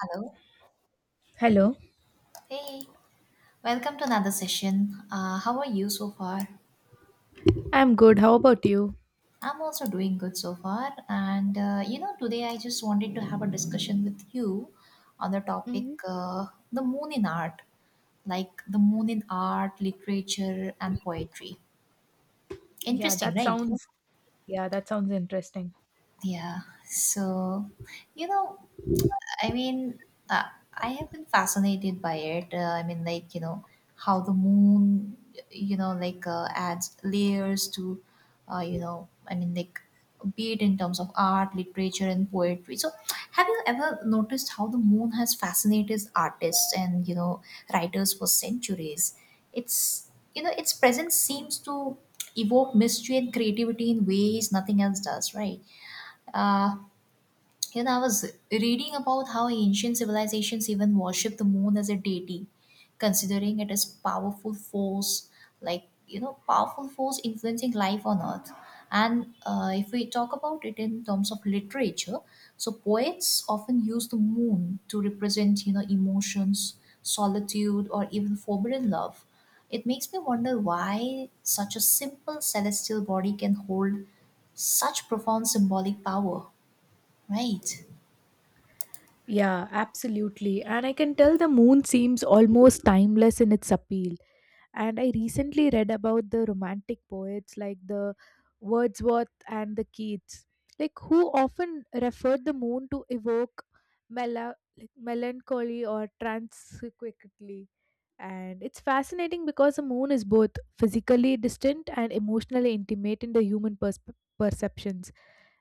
Hello. Hello. Hey, welcome to another session. How are you so far? I'm good. How about you? I'm also doing good so far. Today I just wanted to have a discussion with you on the topic hmm the moon in art, like the moon in art, literature, and poetry. Yeah, Interesting, that right? sounds yeah, that sounds interesting. Yeah. So, you know, I mean, uh, I have been fascinated by it. How the moon, adds layers to, uh, you know, I mean, like, be it in terms of art, literature, and poetry. So, have you ever noticed how the moon has fascinated artists and, you know, writers for centuries? Its presence seems to evoke mystery and creativity in ways nothing else does, right? Uh, I was reading about how ancient civilizations even worshipped the moon as a deity, considering it as powerful force, powerful force influencing life on Earth. And If we talk about it in terms of literature, so poets often use the moon to represent you know emotions, solitude, or even forbidden love. It makes me wonder why such a simple celestial body can hold such profound symbolic power, right? Yeah, absolutely. And I can tell the moon seems almost timeless in its appeal. And I recently read about the romantic poets like the Wordsworth and the Keats, like who often referred the moon to evoke like melancholy or transequitally. And it's fascinating because the moon is both physically distant and emotionally intimate in the human persp perceptions.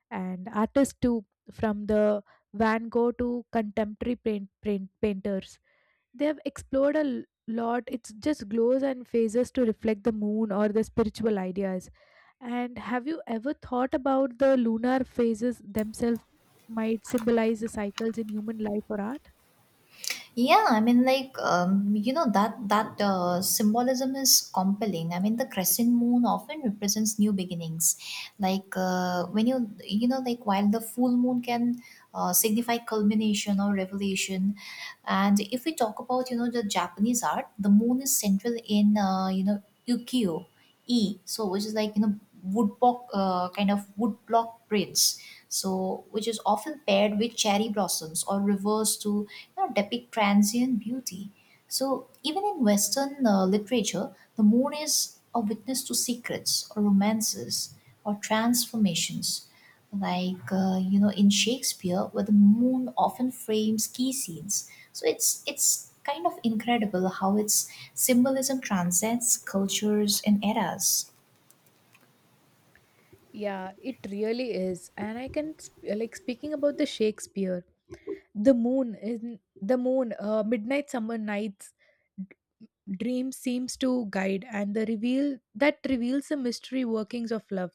And artists, too, from the Van Gogh to contemporary painters, they have explored a lot. It's just glows and phases to reflect the moon or the spiritual ideas. And have you ever thought about the lunar phases themselves might symbolize the cycles in human life or art? Yeah, I mean, like you know that that symbolism is compelling. I mean, the crescent moon often represents new beginnings. Like when you know, like While the full moon can signify culmination or revelation, and if we talk about you know the Japanese art, the moon is central in you know ukiyo e, so which is like you know woodblock woodblock prints. So, which is often paired with cherry blossoms or reversed to you know, depict transient beauty. So even in Western literature, the moon is a witness to secrets or romances or transformations. In Shakespeare, where the moon often frames key scenes. So it's kind of incredible how its symbolism transcends cultures and eras. Yeah, it really is. And I can like speaking about the Shakespeare, the moon is the moon, midnight summer nights d- dream seems to guide and the reveal that reveals the mystery workings of love.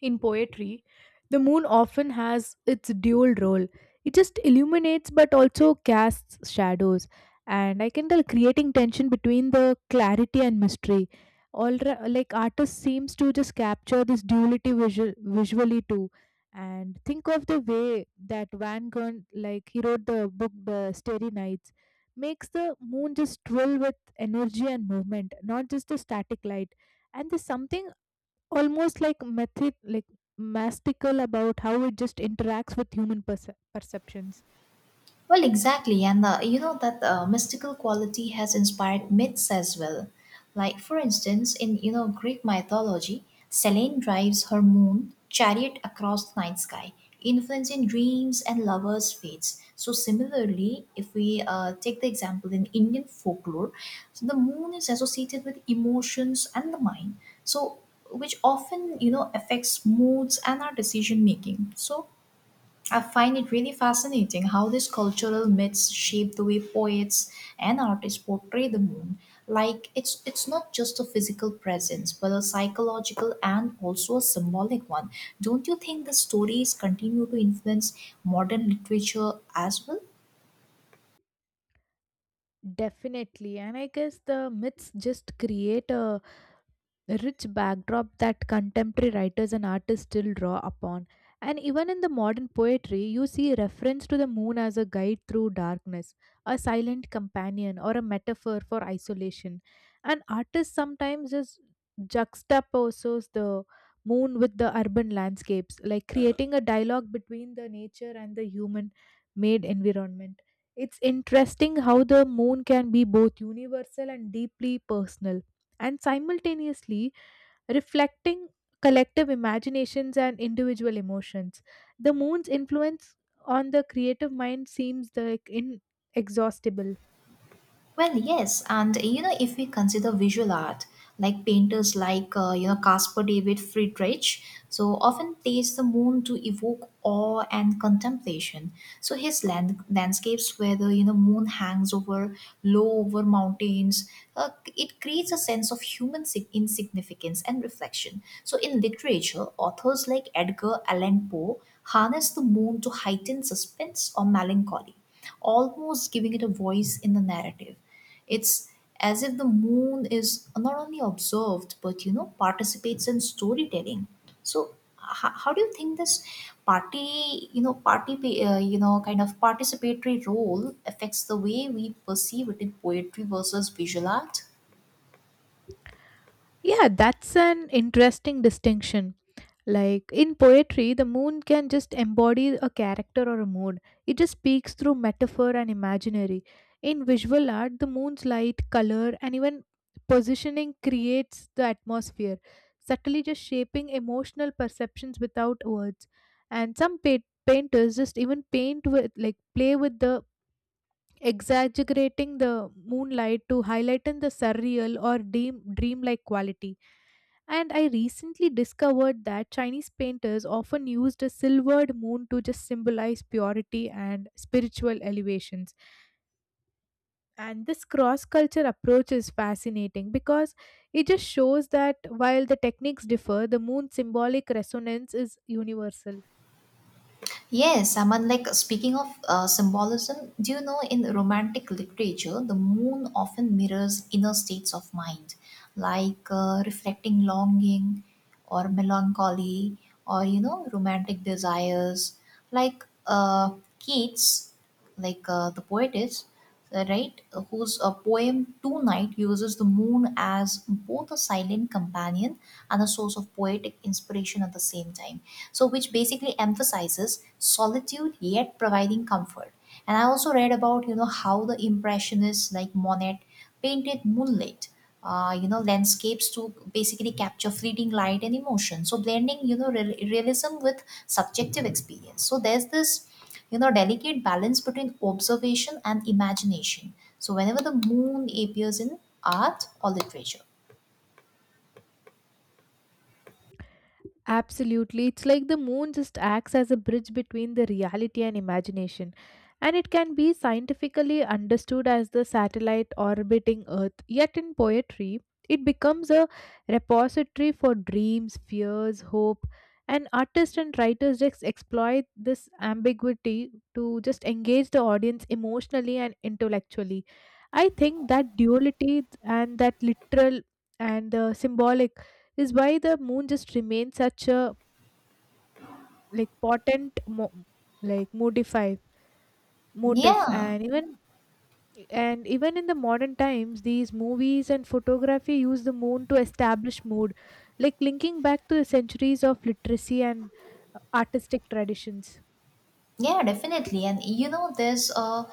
In poetry, the moon often has its dual role. It just illuminates but also casts shadows. And I can tell creating tension between the clarity and mystery. Like artists seems to just capture this duality visually too. And think of the way that Van Gogh, like he wrote the book The Starry Nights, makes the moon just thrill with energy and movement, not just a static light, and there's something almost like method like mastical about how it just interacts with human perceptions. Well, exactly, and you know that mystical quality has inspired myths as well. Like for instance, in you know Greek mythology, Selene drives her moon chariot across the night sky, influencing dreams and lovers' fates. So similarly, if we take the example in Indian folklore, so the moon is associated with emotions and the mind. So which often you know affects moods and our decision making. So I find it really fascinating how these cultural myths shape the way poets and artists portray the moon. Like it's not just a physical presence, but a psychological and also a symbolic one. Don't you think the stories continue to influence modern literature as well? Definitely. And I guess the myths just create a rich backdrop that contemporary writers and artists still draw upon. And even in the modern poetry, you see reference to the moon as a guide through darkness, a silent companion, or a metaphor for isolation. And artists sometimes just juxtaposes the moon with the urban landscapes, like creating a dialogue between the nature and the human made environment. It's interesting how the moon can be both universal and deeply personal and simultaneously reflecting collective imaginations and individual emotions. The moon's influence on the creative mind seems like inexhaustible. Well, yes, and if we consider visual art, like painters like Caspar David Friedrich, so often plays the moon to evoke awe and contemplation. So his landscapes, where the you know moon hangs over low over mountains, uh, it creates a sense of human insignificance and reflection. So in literature, authors like Edgar Allan Poe harness the moon to heighten suspense or melancholy almost giving it a voice in the narrative. It's as if the moon is not only observed but you know participates in storytelling. So how do you think this party you know kind of participatory role affects the way we perceive it in poetry versus visual art? Yeah, that's an interesting distinction. Like in poetry, the moon can just embody a character or a mood. It just speaks through metaphor and imaginary. In visual art, the moon's light, color, and even positioning creates the atmosphere, subtly just shaping emotional perceptions without words. And some painters just even paint with, like, play with the exaggerating the moonlight to highlighten the surreal or dreamlike quality, and I recently discovered that Chinese painters often used a silvered moon to just symbolize purity and spiritual elevations. And this cross culture approach is fascinating because it just shows that while the techniques differ, the moon's symbolic resonance is universal. Yes, I mean, like speaking of symbolism, do you know in romantic literature, the moon often mirrors inner states of mind, like reflecting longing or melancholy or, you know, romantic desires. Like uh, Keats, the poetess, right, whose poem Two Night uses the moon as both a silent companion and a source of poetic inspiration at the same time so which basically emphasizes solitude yet providing comfort. And I also read about you know how the impressionists like monet painted moonlit landscapes to basically capture fleeting light and emotion, so blending you know realism with subjective experience. So there's this you know delicate balance between observation and imagination so whenever the moon appears in art or literature. Absolutely. It's like the moon just acts as a bridge between the reality and imagination. And it can be scientifically understood as the satellite orbiting Earth. Yet in poetry, it becomes a repository for dreams, fears, hope. And artists and writers just exploit this ambiguity to just engage the audience emotionally and intellectually. I think that duality and that literal and the symbolic is why the moon just remains such a like like modify motif, Yeah. And even in the modern times these movies and photography use the moon to establish mood, like linking back to the centuries of literacy and artistic traditions. Yeah, definitely. And you know, there's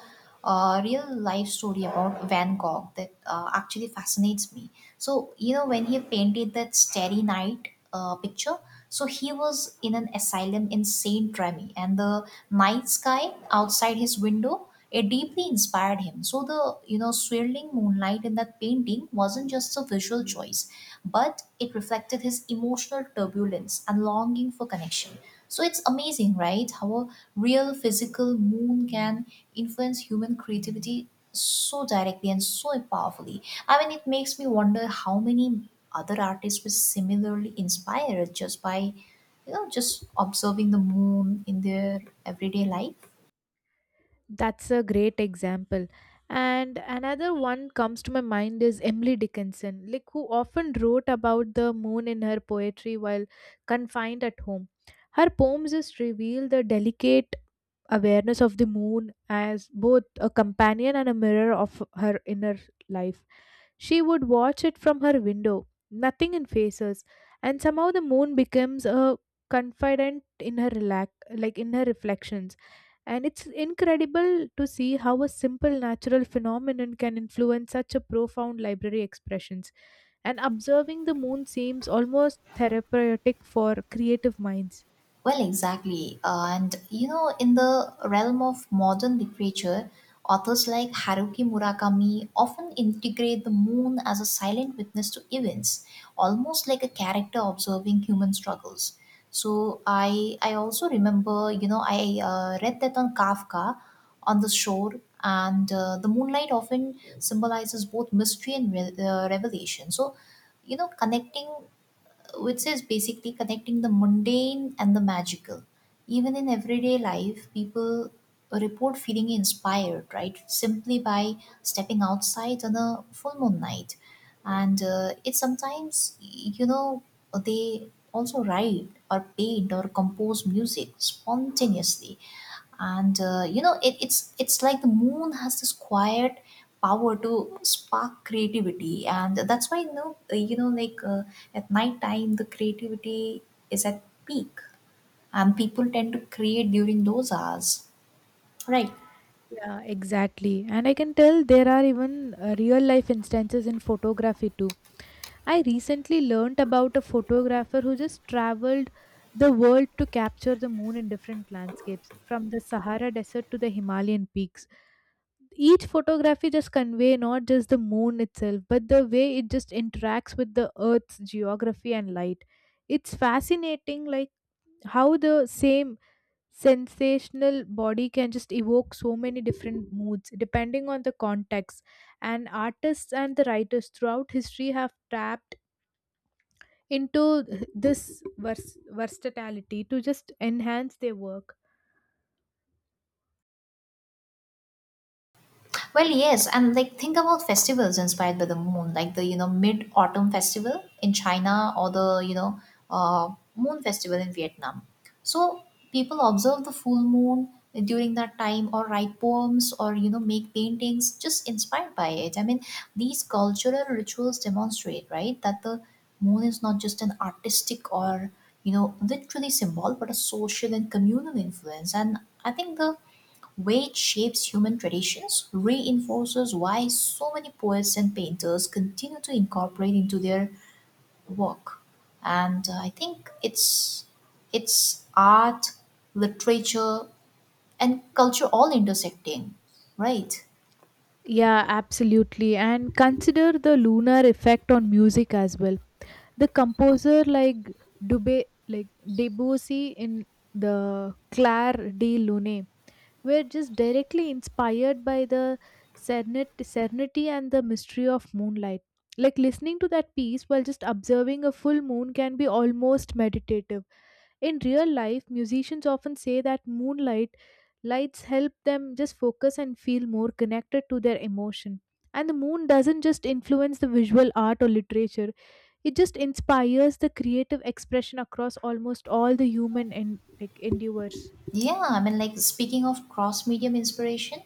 a real life story about Van Gogh that actually fascinates me. So, you know, when he painted that Starry Night picture, so he was in an asylum in Saint Remy, and the night sky outside his window it deeply inspired him. So the you know swirling moonlight in that painting wasn't just a visual choice, but it reflected his emotional turbulence and longing for connection. So it's amazing, right? How a real physical moon can influence human creativity so directly and so powerfully. I mean, it makes me wonder how many other artists were similarly inspired just by, you know, just observing the moon in their everyday life. That's a great example. And another one comes to my mind is Emily Dickinson, like who often wrote about the moon in her poetry while confined at home. Her poems just reveal the delicate awareness of the moon as both a companion and a mirror of her inner life. She would watch it from her window, nothing in faces, and somehow the moon becomes a confidant in her relax, like in her reflections, and it's incredible to see how a simple natural phenomenon can influence such a profound library expressions. And observing the moon seems almost therapeutic for creative minds. Well, exactly. And you know, in the realm of modern literature, authors like Haruki Murakami often integrate the moon as a silent witness to events, almost like a character observing human struggles. So I also remember, you know, I read that on Kafka on the shore, and the moonlight often symbolizes both mystery and revelation. So you know connecting, which is basically connecting the mundane and the magical. Even in everyday life, people report feeling inspired, right? Simply by stepping outside on a full moon night. And it sometimes, you know, they also write or paint or compose music spontaneously. And it's like the moon has this quiet power to spark creativity, and that's why at night time the creativity is at peak and people tend to create during those hours, right? Yeah, exactly. And I can tell there are even real life instances in photography too. I recently learned about a photographer who just traveled the world to capture the moon in different landscapes, from the Sahara Desert to the Himalayan peaks. Each photography just convey not just the moon itself but the way it just interacts with the earth's geography and light. It's fascinating, like how the same sensational body can just evoke so many different moods depending on the context, and artists and the writers throughout history have tapped into this versatility to just enhance their work. Well, yes, and like think about festivals inspired by the moon, like the you know mid autumn festival in China or the you know uh, moon festival in Vietnam. So people observe the full moon during that time, or write poems, or you know make paintings just inspired by it. I mean, these cultural rituals demonstrate right that the moon is not just an artistic or you know literally symbol, but a social and communal influence. And I think the which shapes human traditions, reinforces why so many poets and painters continue to incorporate into their work. And I think it's art, literature, and culture all intersecting, right? Yeah, absolutely, and consider the lunar effect on music as well. The composer like Dubé like Debussy in the Claire de Lune were just directly inspired by the serenity and the mystery of moonlight. Like listening to that piece while just observing a full moon can be almost meditative. In real life, musicians often say that moonlight lights help them just focus and feel more connected to their emotion. And the moon doesn't just influence the visual art or literature, it just inspires the creative expression across almost all the human and like endeavors. Yeah, I mean, like speaking of cross medium inspiration,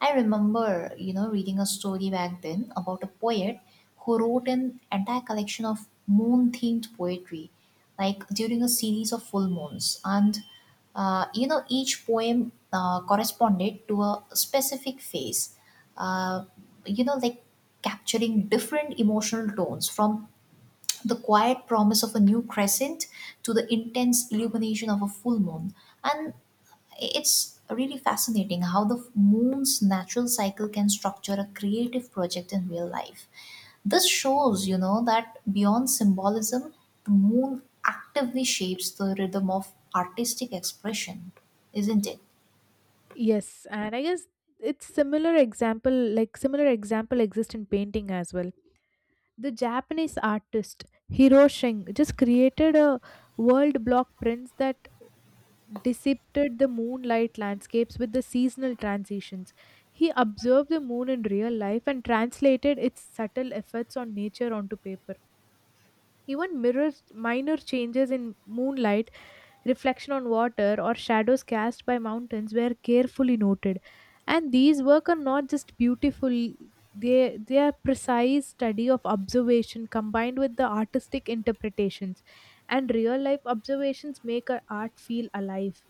I remember, you know, reading a story back then about a poet who wrote an entire collection of moon themed poetry, like during a series of full moons. Each poem corresponded to a specific phase, uh, you know, like capturing different emotional tones from the quiet promise of a new crescent to the intense illumination of a full moon. And it's really fascinating how the moon's natural cycle can structure a creative project in real life. This shows, you know, that beyond symbolism, the moon actively shapes the rhythm of artistic expression, isn't it? Yes, and I guess it's similar example like similar example exist in painting as well. The Japanese artist Hiro Sheng just created a world block prints that depicted the moonlight landscapes with the seasonal transitions. He observed the moon in real life and translated its subtle effects on nature onto paper. Even mirrors, minor changes in moonlight, reflection on water, or shadows cast by mountains were carefully noted. And these work are not just beautiful, they are precise study of observation combined with the artistic interpretations. And real life observations make our art feel alive.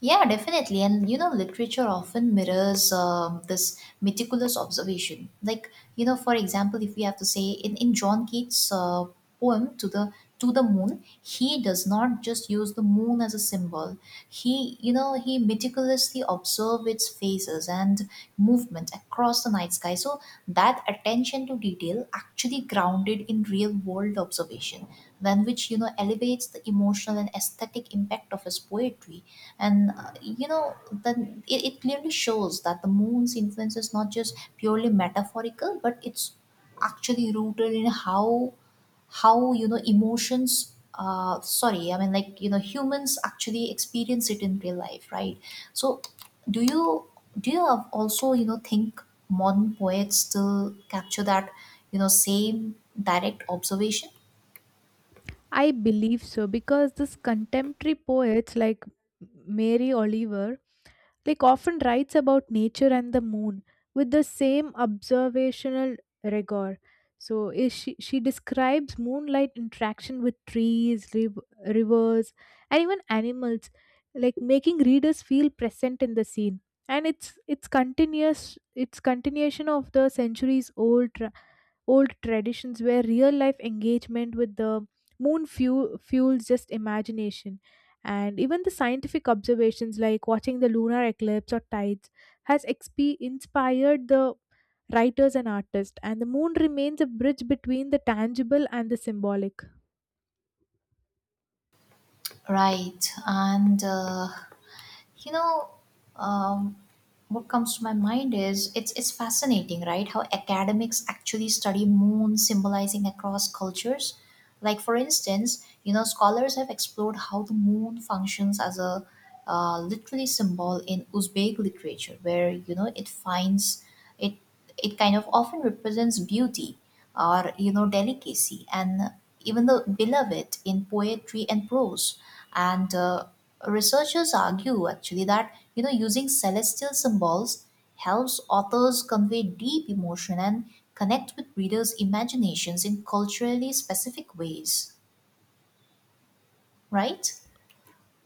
Yeah, definitely. And you know, literature often mirrors this meticulous observation. Like, you know, for example, if we have to say in John Keats' poem to the moon, he does not just use the moon as a symbol. He, you know, he meticulously observes its phases and movement across the night sky. So that attention to detail actually grounded in real world observation, then which you know elevates the emotional and aesthetic impact of his poetry. And it clearly shows that the moon's influence is not just purely metaphorical, but it's actually rooted in how you know emotions sorry I mean like you know humans actually experience it in real life, right? So do you do you have also you know think modern poets still capture that you know same direct observation, I believe so because this contemporary poets like Mary Oliver like often writes about nature and the moon with the same observational rigor. So she describes moonlight interaction with trees, rivers, and even animals, like making readers feel present in the scene. And it's continuation of the centuries old traditions where real life engagement with the moon fuels just imagination, and even the scientific observations like watching the lunar eclipse or tides has inspired the writers and artists, and the moon remains a bridge between the tangible and the symbolic. right? And you know um, what comes to my mind is it's fascinating right how academics actually study moon symbolizing across cultures. Like for instance you know scholars have explored how the moon functions as a literally symbol in uzbek literature, where you know it finds it it kind of often represents beauty or you know delicacy and even the beloved in poetry and prose. And researchers argue actually that you know using celestial symbols helps authors convey deep emotion and connect with readers imaginations in culturally specific ways, right?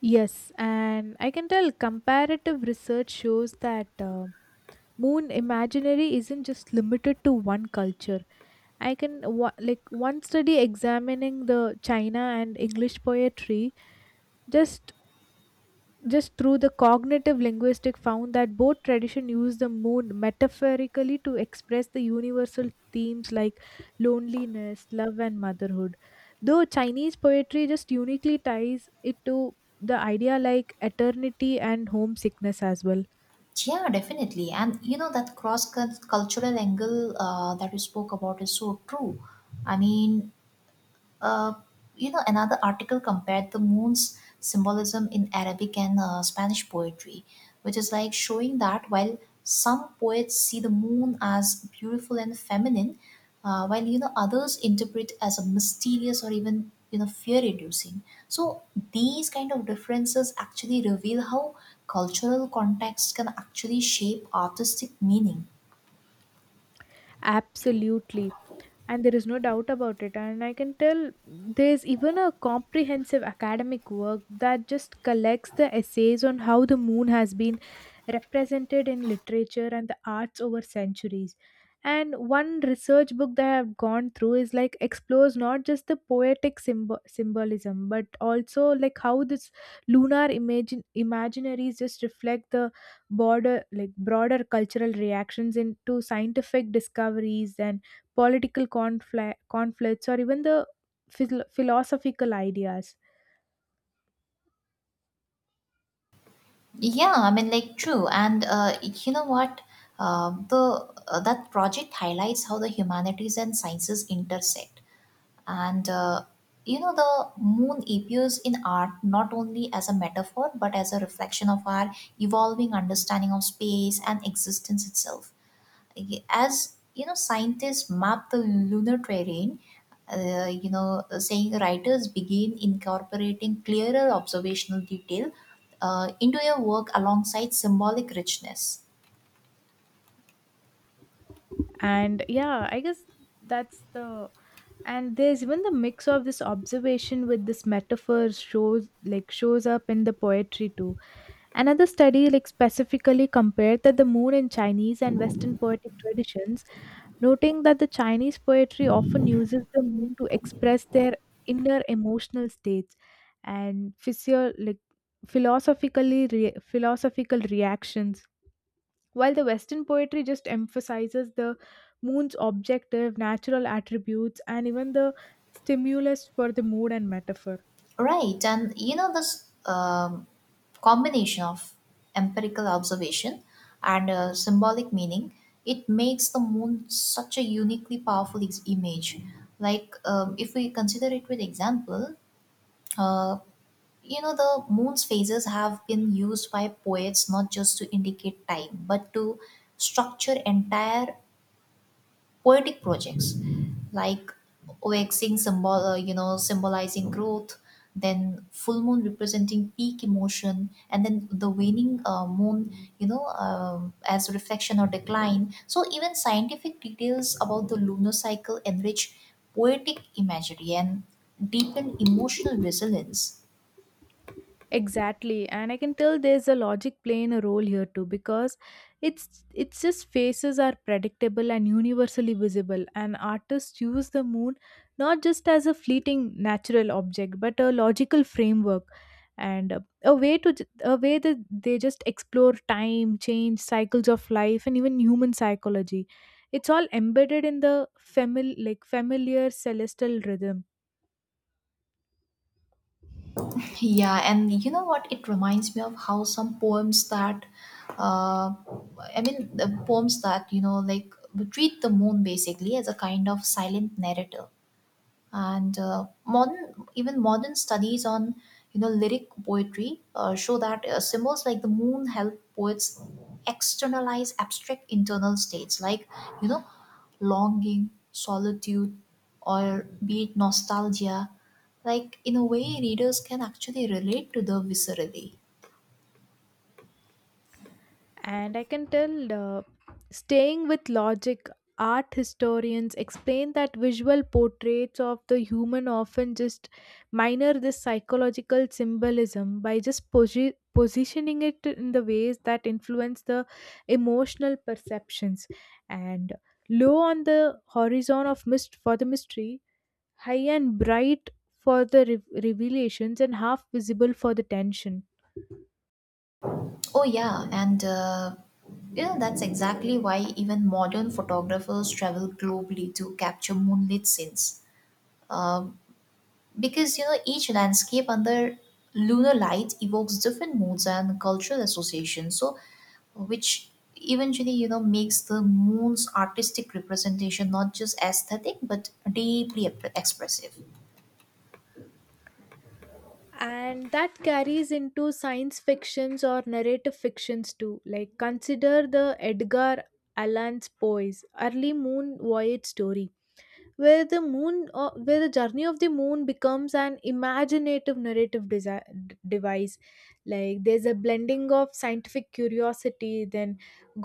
Yes, and I can tell comparative research shows that moon imaginary isn't just limited to one culture. Like one study examining the China and English poetry just just through the cognitive linguistic found that both tradition use the moon metaphorically to express the universal themes like loneliness, love and motherhood. Though Chinese poetry just uniquely ties it to the idea like eternity and homesickness as well. Yeah, definitely, and you know that cross cultural angle that you spoke about is so true. I mean, Uh, you know, another article compared the moon's symbolism in Arabic and Spanish poetry, which is like showing that while some poets see the moon as beautiful and feminine, while you know others interpret as a mysterious or even you know fear-inducing. So these kind of differences actually reveal how cultural context can actually shape artistic meaning. Absolutely. And there is no doubt about it, and I can tell there's even a comprehensive academic work that just collects the essays on how the moon has been represented in literature and the arts over centuries. And one research book that I've gone through is like explores not just the poetic symbolism but also like how this lunar imagine imaginaries just reflect the border like broader cultural reactions into scientific discoveries and conflicts, or even the philosophical ideas. Yeah, I mean, like, true. And you know what? The That project highlights how the humanities and sciences intersect. And uh, the moon appears in art not only as a metaphor but as a reflection of our evolving understanding of space and existence itself, as scientists map the lunar terrain. Saying writers begin incorporating clearer observational detail into your work alongside symbolic richness. And yeah, I guess that's the and there's even the mix of this observation with this metaphor shows up in the poetry too. Another study like specifically compared that the moon in chinese and western poetic traditions, noting that the Chinese poetry often uses the moon to express their inner emotional states and like, philosophical reactions, while the Western poetry just emphasizes the moon's objective, natural attributes, and even the stimulus for the mood and metaphor. Right, and this combination of empirical observation and symbolic meaning, it makes the moon such a uniquely powerful image. Like, if we consider it with example, uh, you know, the moon's phases have been used by poets not just to indicate time, but to structure entire poetic projects, like waxing, symbolizing growth, then full moon representing peak emotion, and then the waning moon, as reflection or decline. So even scientific details about the lunar cycle enrich poetic imagery and deepen emotional resilience. Exactly, and I can tell there's a logic playing a role here too because it's just faces are predictable and universally visible, and artists use the moon not just as a fleeting natural object but a logical framework, and a way that they just explore time, change, cycles of life, and even human psychology. It's all embedded in the like familiar celestial rhythm. Yeah, and you know what? It reminds me of how some poems that, uh, the poems that, like, treat the moon basically as a kind of silent narrator. And Modern, even modern studies on lyric poetry show that symbols like the moon help poets externalize abstract internal states like, you know longing, solitude, or be it nostalgia, like in a way readers can actually relate to the viscerally. And I can tell, staying with logic, art historians explain that visual portraits of the human often just minor this psychological symbolism by just positioning it in the ways that influence the emotional perceptions. And low on the horizon of mist for the mystery, high and bright for the revelations, and half visible for the tension. Oh yeah, and that's exactly why even modern photographers travel globally to capture moonlit scenes. Uh, because each landscape under lunar light evokes different moods and cultural associations, so which eventually, makes the moon's artistic representation not just aesthetic but deeply expressive. And that carries into science fictions or narrative fictions too, like consider the edgar allan's Poe's early moon voyage story, where the moon where the journey of the moon becomes an imaginative narrative device. Like there's a blending of scientific curiosity, then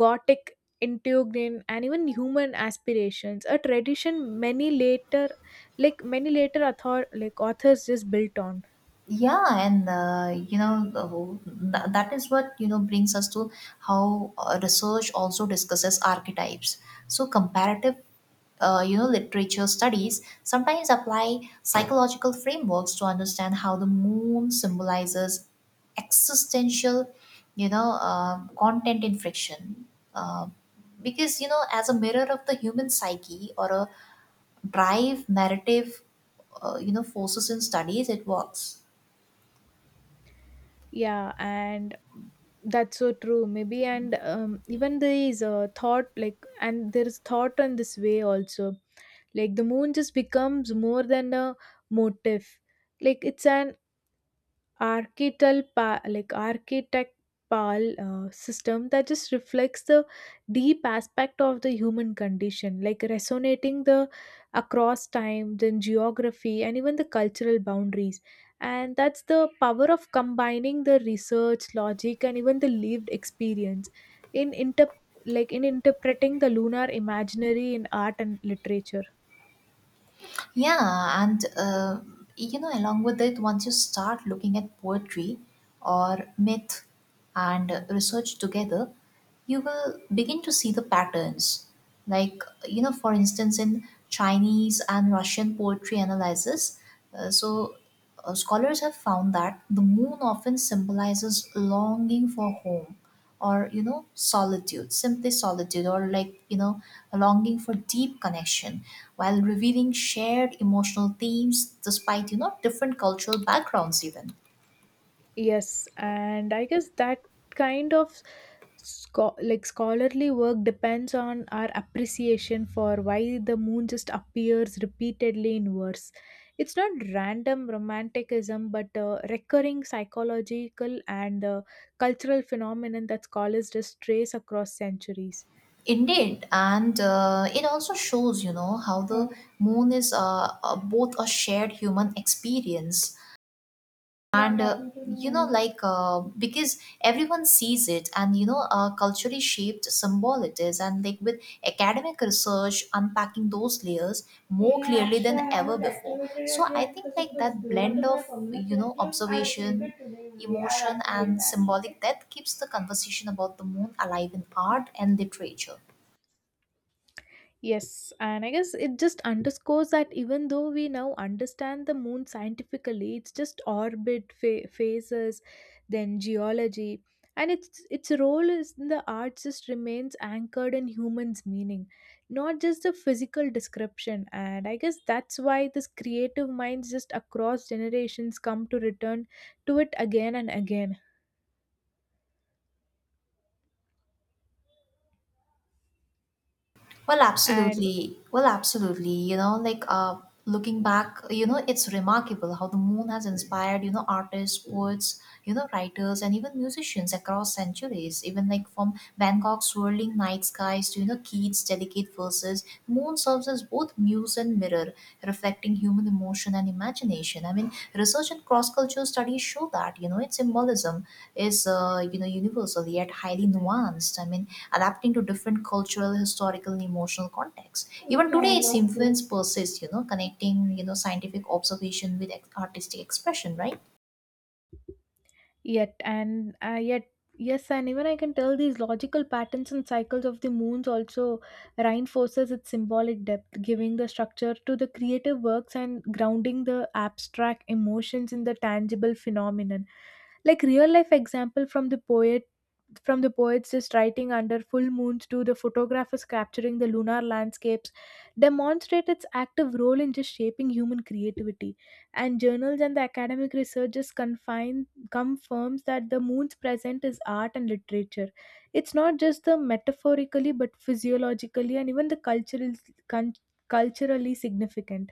gothic intrigue, and even human aspirations, a tradition many later like many later author like authors just built on. Yeah, and the that is what, brings us to how, research also discusses archetypes. So comparative, literature studies sometimes apply psychological frameworks to understand how the moon symbolizes existential, content in friction, uh, because, as a mirror of the human psyche or a drive narrative, forces in studies it works. Yeah, and that's so true maybe, and even there is a thought like, and there is thought on this way also, like the moon just becomes more than a motif. Like it's an like architectural system that just reflects the deep aspect of the human condition, like resonating the across time, then geography, and even the cultural boundaries, and that's the power of combining the research logic and even the lived experience in inter like in interpreting the lunar imaginary in art and literature. Yeah, and along with it, once you start looking at poetry or myth and research together, you will begin to see the patterns. Like, for instance, in Chinese and Russian poetry analysis, uh, so scholars have found that the moon often symbolizes longing for home, or solitude, simply solitude, or like, a longing for deep connection, while revealing shared emotional themes despite, different cultural backgrounds even. Yes, and I guess that kind of like scholarly work depends on our appreciation for why the moon just appears repeatedly in verse. It's not random romanticism, but a recurring psychological and cultural phenomenon that scholars just trace across centuries. Indeed, and it also shows, how the moon is, both a shared human experience and because everyone sees it, and culturally shaped symbol it is, and like with academic research unpacking those layers more clearly than ever before. So I think like that blend of, observation, emotion, and symbolic depth keeps the conversation about the moon alive in art and literature. Yes, and I guess it just underscores that even though we now understand the moon scientifically, it's just orbit, phases, then geology, and its role is in the arts just remains anchored in humans' meaning, not just the physical description. And I guess that's why this creative minds just across generations come to return to it again and again. Well, And absolutely. Well, absolutely. Looking back, it's remarkable how the moon has inspired, artists, poets, writers, and even musicians across centuries. Even like from Van Gogh's swirling night skies to, Keats' delicate verses, the moon serves as both muse and mirror, reflecting human emotion and imagination. I mean, research and cross cultural studies show that, its symbolism is, universal yet highly nuanced. I mean, adapting to different cultural, historical, and emotional contexts. Even today, its influence persists, connecting, scientific observation with artistic expression, right? yet, and yet, yes, and even I can tell these logical patterns and cycles of the moons also reinforces its symbolic depth, giving the structure to the creative works and grounding the abstract emotions in the tangible phenomenon. Like real life example from the poets just writing under full moons to the photographers capturing the lunar landscapes demonstrate its active role in just shaping human creativity, and journals and the academic research just confine confirms that the moon's presence is art and literature. It's not just the metaphorically, but physiologically and even the cultural, con- culturally significant.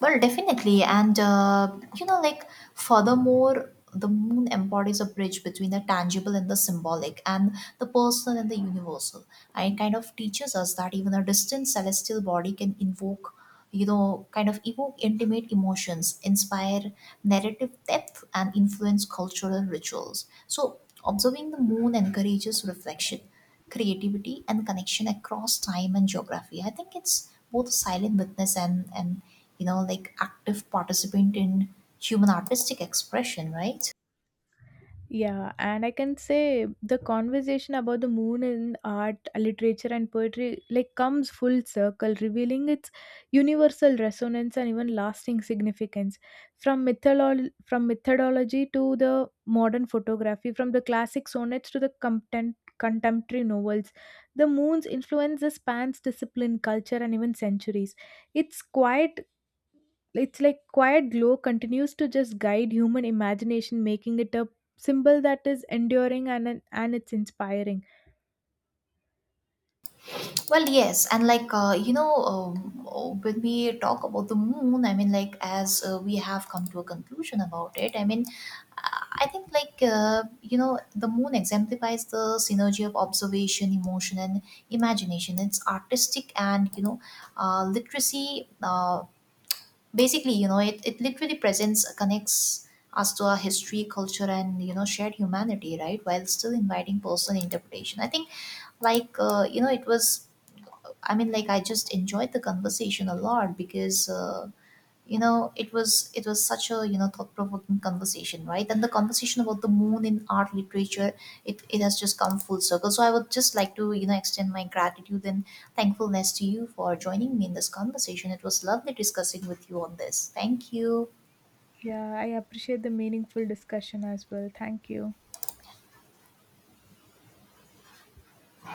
Well, definitely. And, furthermore, the moon embodies a bridge between the tangible and the symbolic, and the personal and the universal. And it kind of teaches us that even a distant celestial body can invoke, kind of evoke intimate emotions, inspire narrative depth, and influence cultural rituals. So, observing the moon encourages reflection, creativity, and connection across time and geography. I think it's both a silent witness and active participant in human artistic expression, right? Yeah, and I can say the conversation about the moon in art, literature, and poetry like comes full circle, revealing its universal resonance and even lasting significance. From from methodology to the modern photography, from the classic sonnets to the contemporary novels, the moon's influence spans discipline, culture, and even centuries. Its quiet it's like quiet glow continues to just guide human imagination, making it a symbol that is enduring and it's inspiring. Well, yes, and like when we talk about the moon, I mean, like, as we have come to a conclusion about it, I mean, I think like the moon exemplifies the synergy of observation, emotion, and imagination. Its artistic and literacy basically you know it, it literally presents, connects us to our history, culture, and shared humanity, right, while still inviting personal interpretation. I think like, it was, I mean, like, I just enjoyed the conversation a lot, because it was, it was such a, thought-provoking conversation, right? And the conversation about the moon in art, literature, it has just come full circle, so I would just like to, extend my gratitude and thankfulness to you for joining me in this conversation. It was lovely discussing with you on this. Thank you. Yeah, I appreciate the meaningful discussion as well. Thank you.